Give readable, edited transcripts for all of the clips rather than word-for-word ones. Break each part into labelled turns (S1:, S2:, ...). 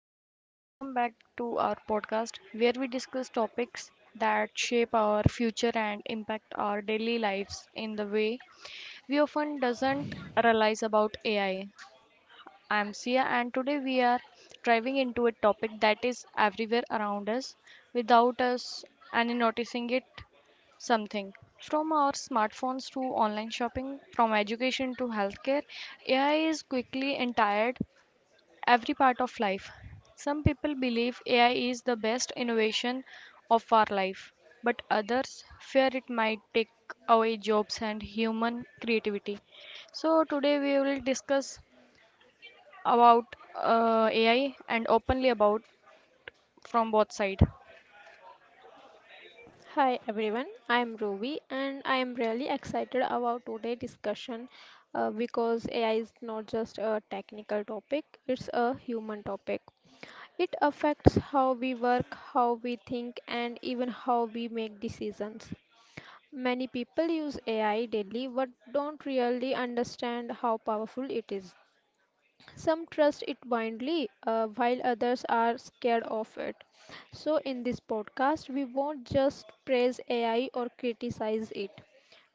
S1: everyone, welcome back to our podcast where we discuss topics that shape our future and impact our daily lives in the way we often doesn't realize about AI. I am Sia and today we are diving into a topic that is everywhere around us without us and noticing it something. From our smartphones to online shopping, from education to healthcare, AI is quickly entire every part of life. Some people believe AI is the best innovation of our life, but others fear it might take away jobs and human creativity. So today we will discuss about AI and openly about from both sides.
S2: Hi everyone, I am Rovi, and I am really excited about today's discussion because AI is not just a technical topic, it's a human topic. It affects how we work, how we think, and even how we make decisions. Many people use AI daily but don't really understand how powerful it is. Some trust it blindly, while others are scared of it. So, in this podcast, we won't just praise AI or criticize it.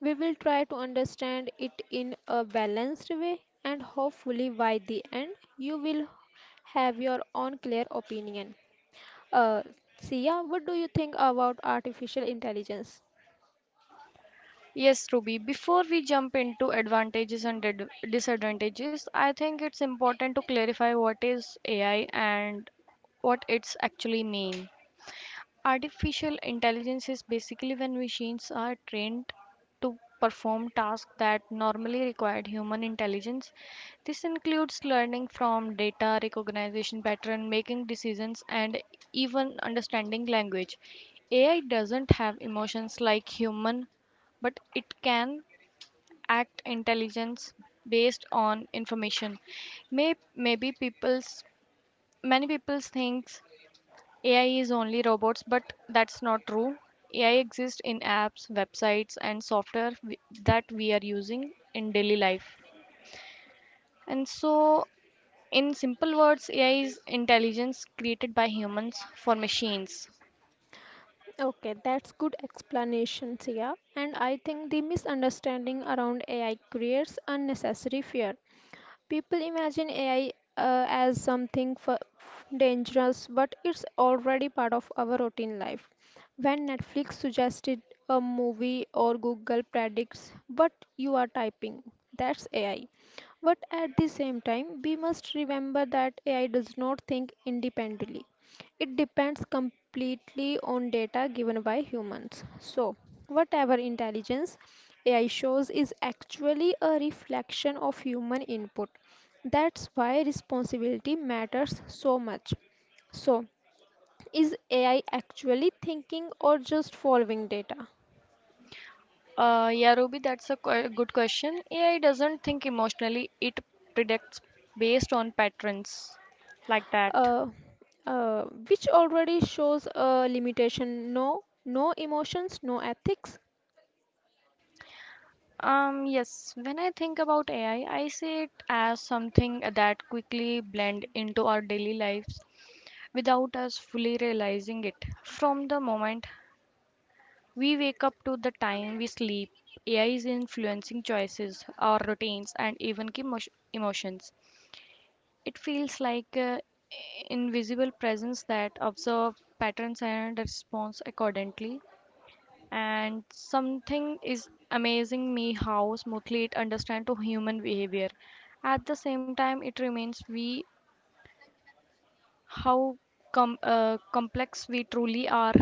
S2: We will try to understand it in a balanced way, and hopefully, by the end, you will have your own clear opinion. Uh, Sia, what do you think about artificial intelligence?
S1: Yes, Ruby, before we jump into advantages and disadvantages, I think it's important to clarify what is AI and what it's actually mean. Artificial intelligence is basically when machines are trained to perform tasks that normally required human intelligence. This includes learning from data, recognition pattern, making decisions, and even understanding language. AI doesn't have emotions like human, but it can act intelligence based on information. May, maybe people's many people think AI is only robots, but that's not true. AI exists in apps, websites, and software that we are using in daily life. And so, in simple words, AI is intelligence created by humans for machines.
S2: Okay, that's good explanation, Sia. And I think the misunderstanding around AI creates unnecessary fear. People imagine AI as something dangerous, but it's already part of our routine life. When Netflix suggested a movie or Google predicts what you are typing, that's AI. But at the same time, we must remember that AI does not think independently. It depends completely on data given by humans. So, whatever intelligence AI shows is actually a reflection of human input. That's why responsibility matters so much. So, is AI actually thinking or just following data?
S1: Yeah, Ruby, that's a good question. AI doesn't think emotionally, it predicts based on patterns like that.
S2: Uh, uh, which already shows a limitation. No, no emotions, no ethics.
S1: Yes, when I think about AI, I see it as something that quickly blend into our daily lives without us fully realizing it. From the moment we wake up to the time we sleep, AI is influencing choices, our routines, and even emotions. It feels like invisible presence that observe patterns and responds accordingly and something is amazing me how smoothly it understands to human behavior at the same time it remains we how complex we truly are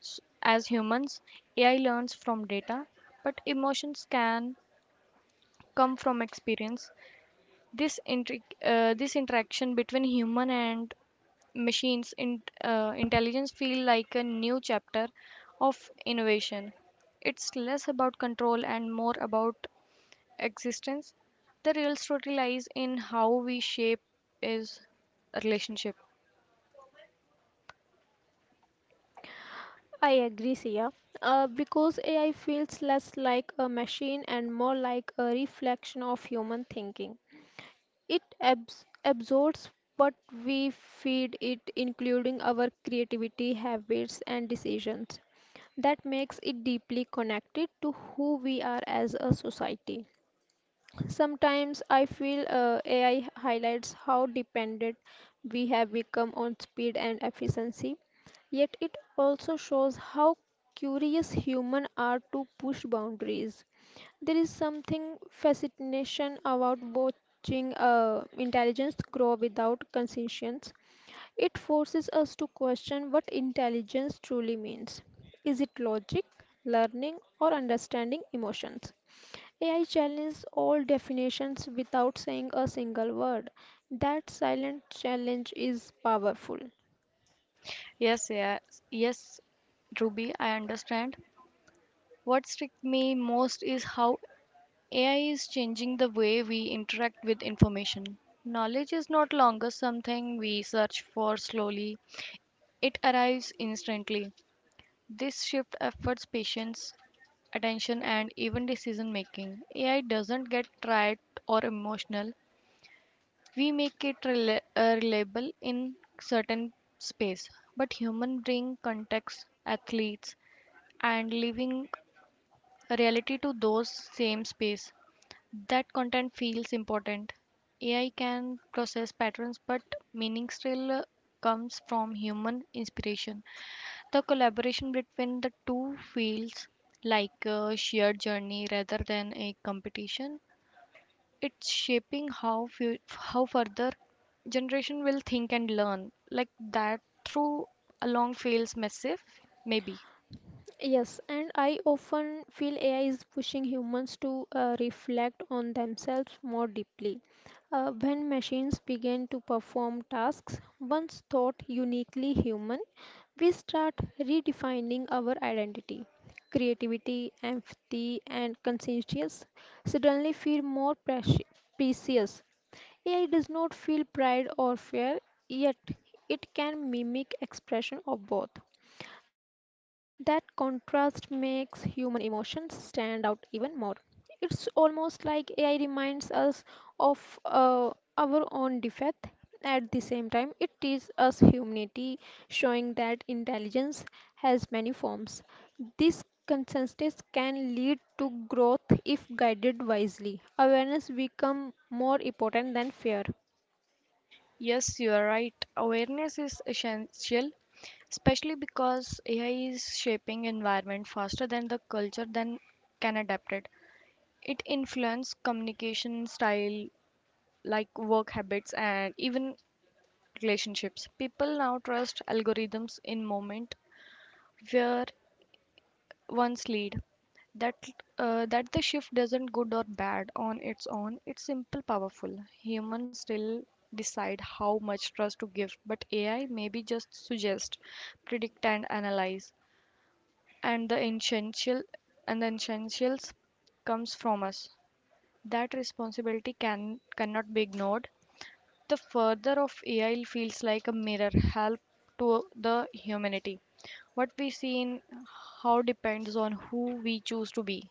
S1: as humans. AI learns from data but emotions can come from experience. This this interaction between human and machines in, intelligence feel like a new chapter of innovation. It's less about control and more about existence. The real story lies in how we shape is a relationship.
S2: I agree, Sia. Because AI feels less like a machine and more like a reflection of human thinking. It absorbs what we feed it, including our creativity, habits, and decisions. That makes it deeply connected to who we are as a society. Sometimes I feel AI highlights how dependent we have become on speed and efficiency, yet, it also shows how curious humans are to push boundaries. There is something fascination about watching intelligence grow without conscience. It forces us to question what intelligence truly means. Is it logic, learning, or understanding emotions? AI challenges all definitions without saying a single word. That silent challenge is powerful.
S1: Yes, yes, yes, Ruby, I understand. What struck me most is how AI is changing the way we interact with information. Knowledge is not longer something we search for slowly, it arrives instantly. This shift efforts patience, attention, and even decision making. AI doesn't get tired or emotional. We make it reliable in certain space, but human bring context, athletes, and living reality to those same space. That content feels important. AI can process patterns, but meaning still comes from human inspiration. The collaboration between the two feels like a shared journey rather than a competition. It's shaping how how further generation will think and learn. Like that through along feels massive, maybe.
S2: Yes, and I often feel AI is pushing humans to reflect on themselves more deeply. When machines begin to perform tasks once thought uniquely human, we start redefining our identity. Creativity, empathy, and conscientious suddenly feel more precious. AI does not feel pride or fear, yet it can mimic expression of both. That contrast makes human emotions stand out even more. It's almost like AI reminds us of our own defect. At the same time, it teaches us humanity, showing that intelligence has many forms. This consensus can lead to growth if guided wisely. Awareness becomes more important than fear.
S1: Yes, you are right. Awareness is essential, especially because AI is shaping environment faster than the culture than can adapt it. It influences communication style, like work habits and even relationships. People now trust algorithms in moment where one's lead. That that the shift doesn't good or bad on its own. It's simple, powerful. Humans still decide how much trust to give, but AI maybe just suggest, predict, and analyze. And the essential and the essentials comes from us. That responsibility cannot be ignored. The further of AI feels like a mirror, help to the humanity. What we see in how depends on who we choose to be.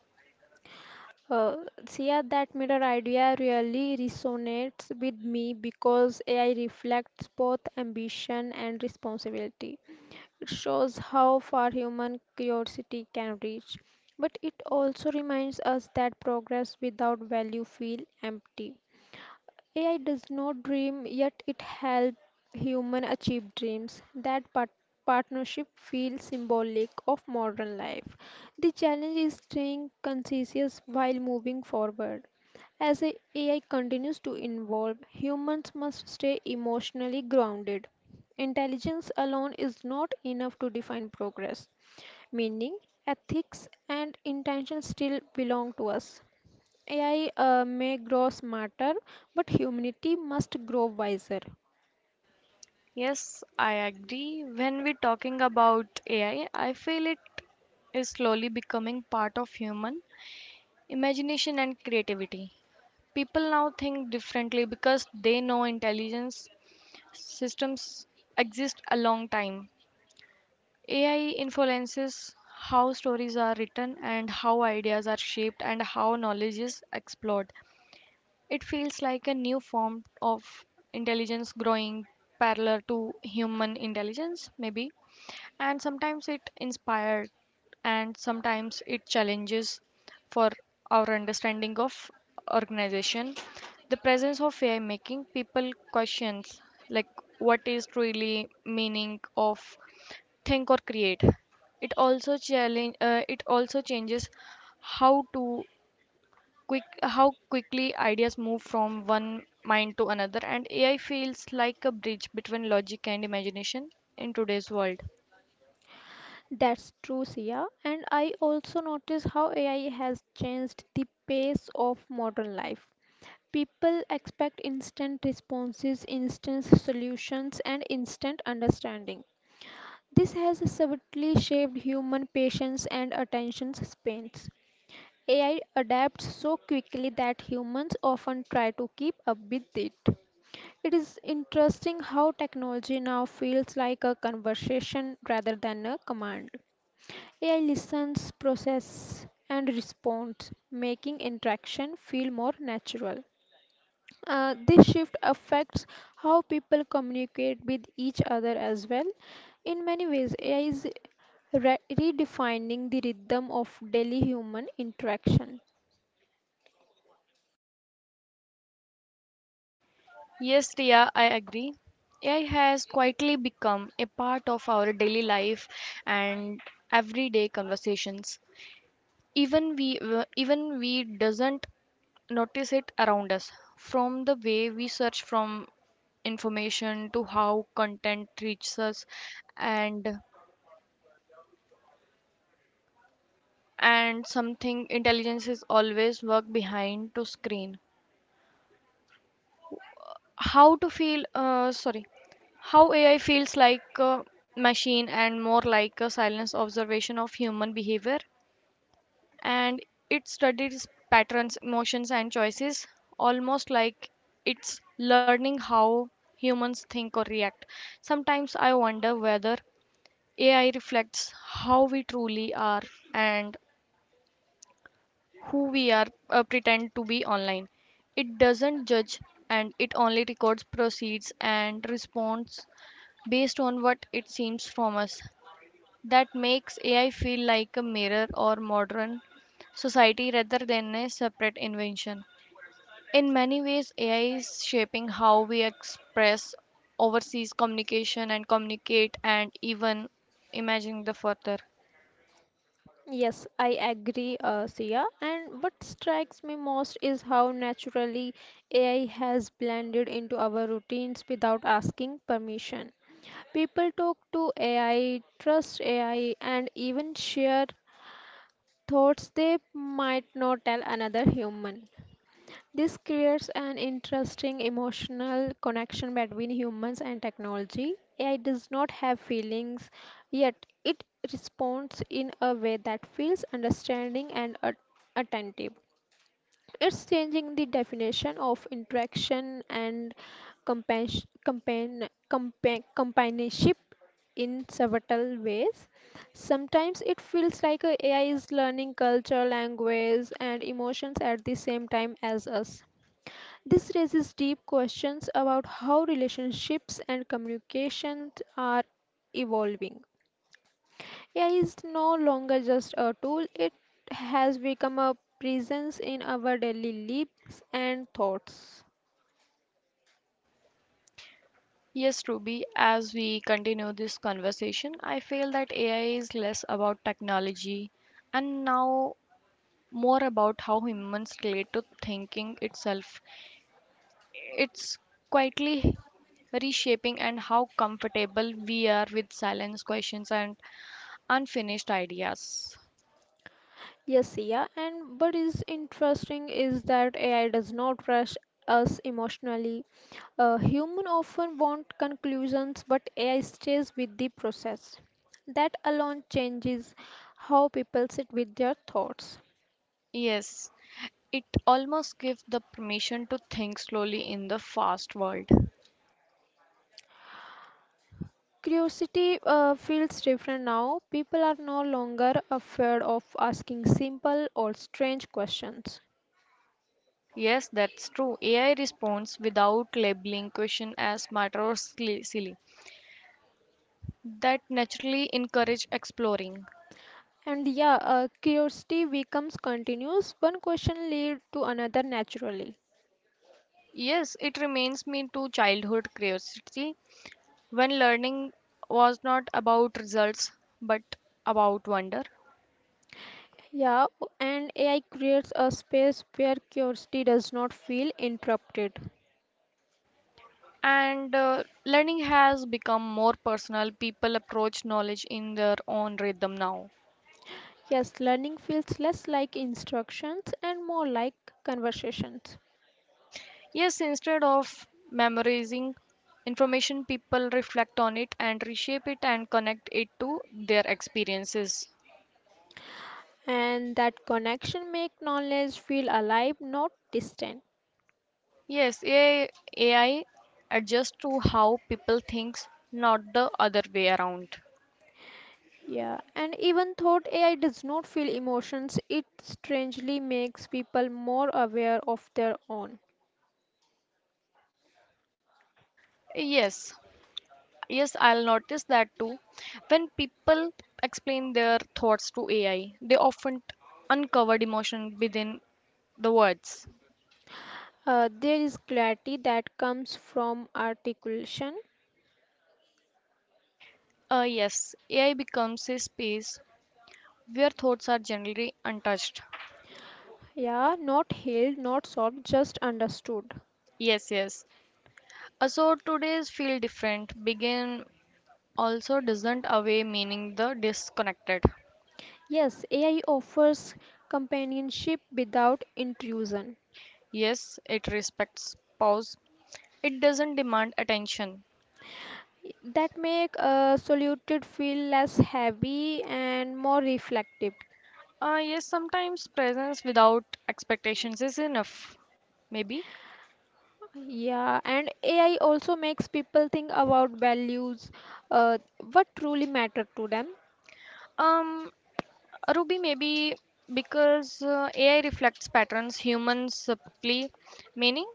S2: Uh, Sia, that mirror idea really resonates with me because AI reflects both ambition and responsibility. It shows how far human curiosity can reach, but it also reminds us that progress without value feels empty. AI does not dream, yet it helps human achieve dreams. That partnership feels symbolic of modern life. The challenge is staying conscious while moving forward. AI continues to evolve, humans must stay emotionally grounded. Intelligence alone is not enough to define progress meaning, ethics, and intention still belong to us. AI may grow smarter, but humanity must grow wiser.
S1: Yes, I agree. When we're talking about AI, I feel it is slowly becoming part of human imagination and creativity. People now think differently because they know intelligence systems exist a long time. AI influences how stories are written and how ideas are shaped and how knowledge is explored. It feels like a new form of intelligence growing parallel to human intelligence, maybe, and sometimes it inspired and sometimes it challenges for our understanding of organization. The presence of AI making people questions like what is truly meaning of think or create. It also challenge it also changes how to quick how quickly ideas move from one mind to another, and AI feels like a bridge between logic and imagination in today's world.
S2: That's true, Sia. And I also notice how AI has changed the pace of modern life. People expect instant responses, instant solutions, and instant understanding. This has subtly shaped human patience and attention spans. AI adapts so quickly that humans often try to keep up with it. It is interesting how technology now feels like a conversation rather than a command. AI listens, processes, and responds, making interaction feel more natural. This shift affects how people communicate with each other as well. In many ways, AI is redefining the rhythm of daily human interaction.
S1: Yes, Riya, I agree. AI has quietly become a part of our daily life and everyday conversations. Even we doesn't notice it around us. From the way we search from information to how content reaches us, and and something intelligence is always work behind to screen. how to feel uh, sorry how AI feels like a machine and more like a silence observation of human behavior, and it studies patterns emotions and choices almost like it's learning how humans think or react. Sometimes I wonder whether AI reflects how we truly are and who we are pretend to be online. It doesn't judge and it only records proceeds and responds based on what it seems from us. That makes AI feel like a mirror or modern society rather than a separate invention. In many ways, AI is shaping how we express overseas communication and communicate and even imagine the further.
S2: Yes, I agree, Sia. And what strikes me most is how naturally AI has blended into our routines without asking permission. People talk to AI, trust AI, and even share thoughts they might not tell another human. This creates an interesting emotional connection between humans and technology. AI does not have feelings, yet it responds in a way that feels understanding and attentive. It's changing the definition of interaction and companionship in several ways. Sometimes it feels like a AI is learning culture, language, and emotions at the same time as us. This raises deep questions about how relationships and communications are evolving. AI is no longer just a tool, it has become a presence in our daily lives and thoughts.
S1: Yes, Ruby, as we continue this conversation, I feel that AI is less about technology and now more about how humans relate to thinking itself. It's quietly reshaping and how comfortable we are with silence, questions, and unfinished ideas.
S2: Yes, yeah, and what is interesting is that AI does not rush us emotionally. Human often want conclusions, but AI stays with the process. That alone changes how people sit with their thoughts.
S1: Yes, it almost gives the permission to think slowly in the fast world.
S2: Curiosity feels different now. People are no longer afraid of asking simple or strange questions.
S1: Yes, that's true. AI responds without labeling question as smarter or silly. That naturally encourage exploring.
S2: And yeah, curiosity becomes continuous. One question leads to another naturally.
S1: Yes, it reminds me to childhood curiosity when learning was not about results but about wonder.
S2: Yeah, and AI creates a space where curiosity does not feel interrupted.
S1: And Learning has become more personal. People approach knowledge in their own rhythm now.
S2: Yes, learning feels less like instructions and more like conversations.
S1: Yes, instead of memorizing information, people reflect on it and reshape it and connect it to their experiences.
S2: And that connection makes knowledge feel alive, not distant.
S1: Yes, AI adjusts to how people think, not the other way around.
S2: Yeah, and even though AI does not feel emotions, it strangely makes people more aware of their own.
S1: Yes, yes, I'll notice that too. When people explain their thoughts to AI, they often uncover emotion within the words.
S2: There is clarity that comes from articulation.
S1: Yes, AI becomes a space where thoughts are generally untouched.
S2: Yeah, not healed, not solved, just understood.
S1: Yes, yes. So today's feel different. Begin also doesn't away meaning the disconnected.
S2: Yes, AI offers companionship without intrusion.
S1: Yes, it respects pause. It doesn't demand attention.
S2: That make a solitude feel less heavy and more reflective.
S1: Yes, sometimes presence without expectations is enough. Maybe.
S2: Yeah, and AI also makes people think about values, uh, what truly matter to them.
S1: Um, Ruby, maybe because AI reflects patterns humans supply meaning.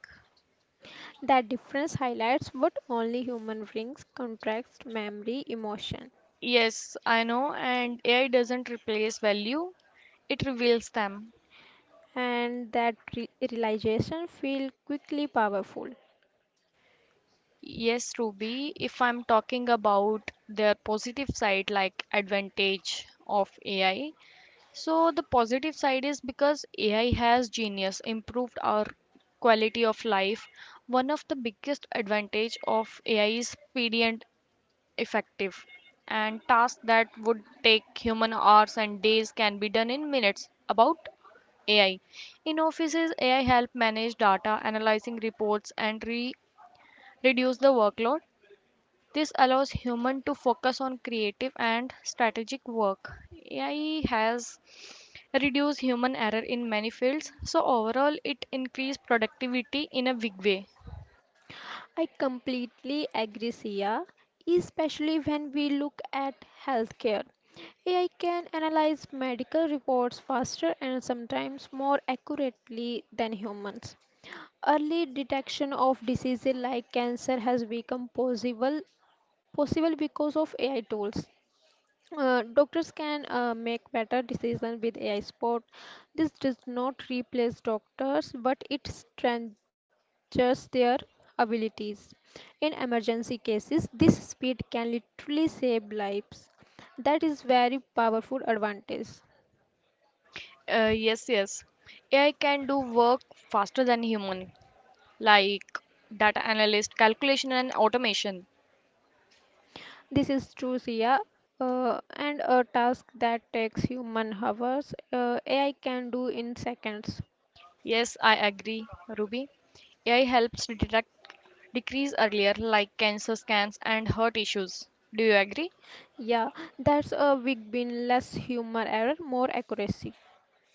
S2: That difference highlights what only human brings context, memory, emotion,
S1: Yes, I know, and AI doesn't replace value, it reveals them.
S2: and that realization feel quickly powerful.
S1: Yes, Ruby, if I'm talking about their positive side, like advantage of AI. So, the positive side is because AI has genius, improved our quality of life. One of the biggest advantage of AI is speed and effective. And tasks that would take human hours and days can be done in minutes. About AI. In offices, AI help manage data, analyzing reports, and reduce the workload. This allows human to focus on creative and strategic work. AI has reduced human error in many fields, so overall it increased productivity in a big way.
S2: I completely agree, Sia, especially when we look at healthcare. AI can analyze medical reports faster and sometimes more accurately than humans. Early detection of diseases like cancer has become possible because of AI tools. Doctors can make better decisions with AI support. This does not replace doctors, but it strengthens their abilities. In emergency cases, this speed can literally save lives. That is very powerful advantage.
S1: Yes. AI can do work faster than human, like data analyst, calculation, and automation.
S2: This is true, Sia. And a task that takes human hours, AI can do in seconds.
S1: Yes, I agree, Ruby. AI helps detect decrease earlier, like cancer scans and heart issues. Do you agree?
S2: Yeah, that's a big win. Less human error, more accuracy.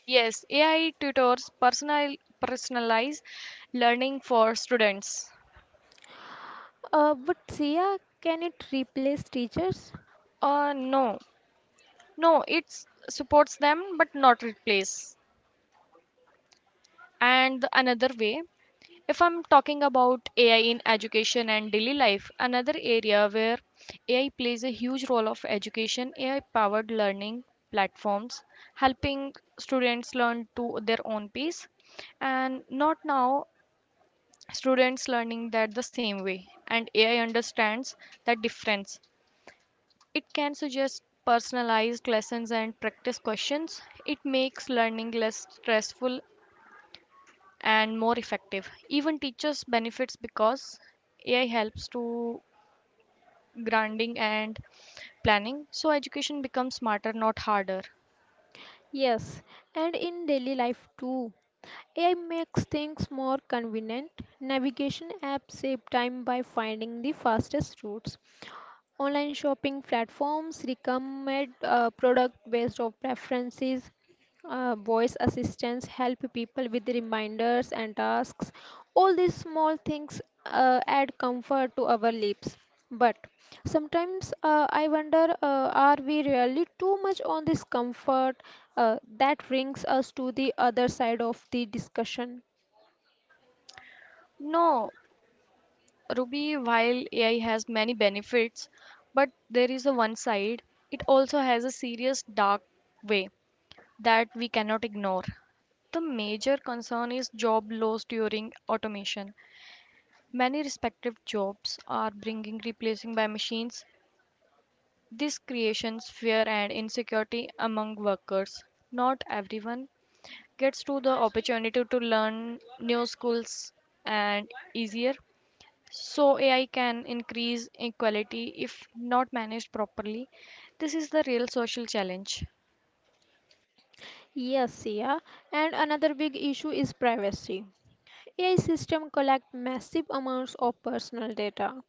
S1: Yes, AI tutors personalize learning for students.
S2: But Sia, can it replace teachers?
S1: No, no, it supports them but not replace. And the another way. If I'm talking about AI in education and daily life, another area where AI plays a huge role of education, AI powered learning platforms, helping students learn to their own pace and not now students learning that the same way and AI understands that difference. It can suggest personalized lessons and practice questions. It makes learning less stressful and more effective. Even teachers benefits because AI helps to grounding and planning, so education becomes smarter, not harder.
S2: Yes, and in daily life too. AI makes things more convenient. Navigation apps save time by finding the fastest routes. Online shopping platforms recommend product based on preferences. Voice assistants help people with reminders and tasks. All these small things add comfort to our lives. But sometimes I wonder are we really too much on this comfort? That brings us to the other side of the discussion.
S1: No, Ruby, while AI has many benefits, but there is a one side, it also has a serious dark way that we cannot ignore. The major concern is job loss during automation. Many respective jobs are being replacing by machines. This creates fear and insecurity among workers. Not everyone gets to the opportunity to learn new skills and easier. So AI can increase inequality if not managed properly. This is the real social challenge.
S2: Yes, yeah. And another big issue is privacy. AI systems collect massive amounts of personal data.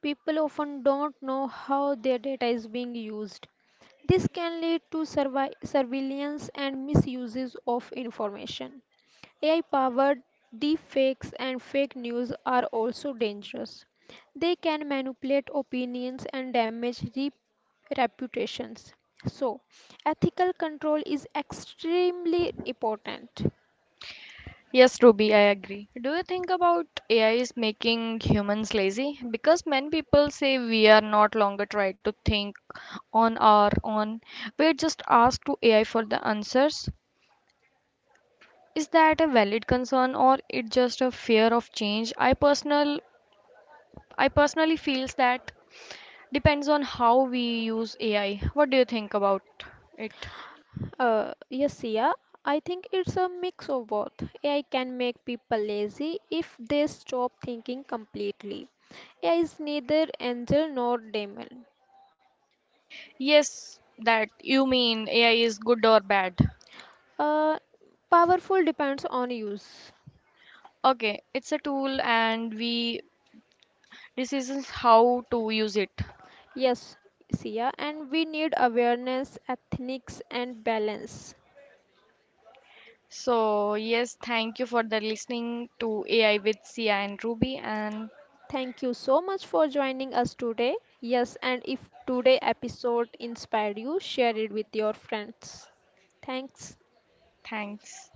S2: People often don't know how their data is being used. This can lead to surveillance and misuses of information. AI powered deepfakes and fake news are also dangerous. They can manipulate opinions and damage reputations. So, ethical control is extremely important.
S1: Yes, Ruby, I agree. Do you think about AI is making humans lazy? Because many people say we are not longer trying to think on our own. We're just asked to AI for the answers. Is that a valid concern or it just a fear of change? I personally feels that depends on how we use AI. What do you think about it?
S2: Yes, yeah. I think it's a mix of both. AI can make people lazy if they stop thinking completely. AI is neither angel nor demon.
S1: Yes, that you mean AI is good or bad.
S2: Uh, Powerful depends on use.
S1: Okay, it's a tool and we decisions how to use it.
S2: Yes, Sia, and we need awareness, ethics, and balance.
S1: So, yes, thank you for the listening to AI with Sia and Ruby and
S2: Thank you so much for joining us today. Yes, and if today episode inspired you, share it with your friends. Thanks.
S1: thanks.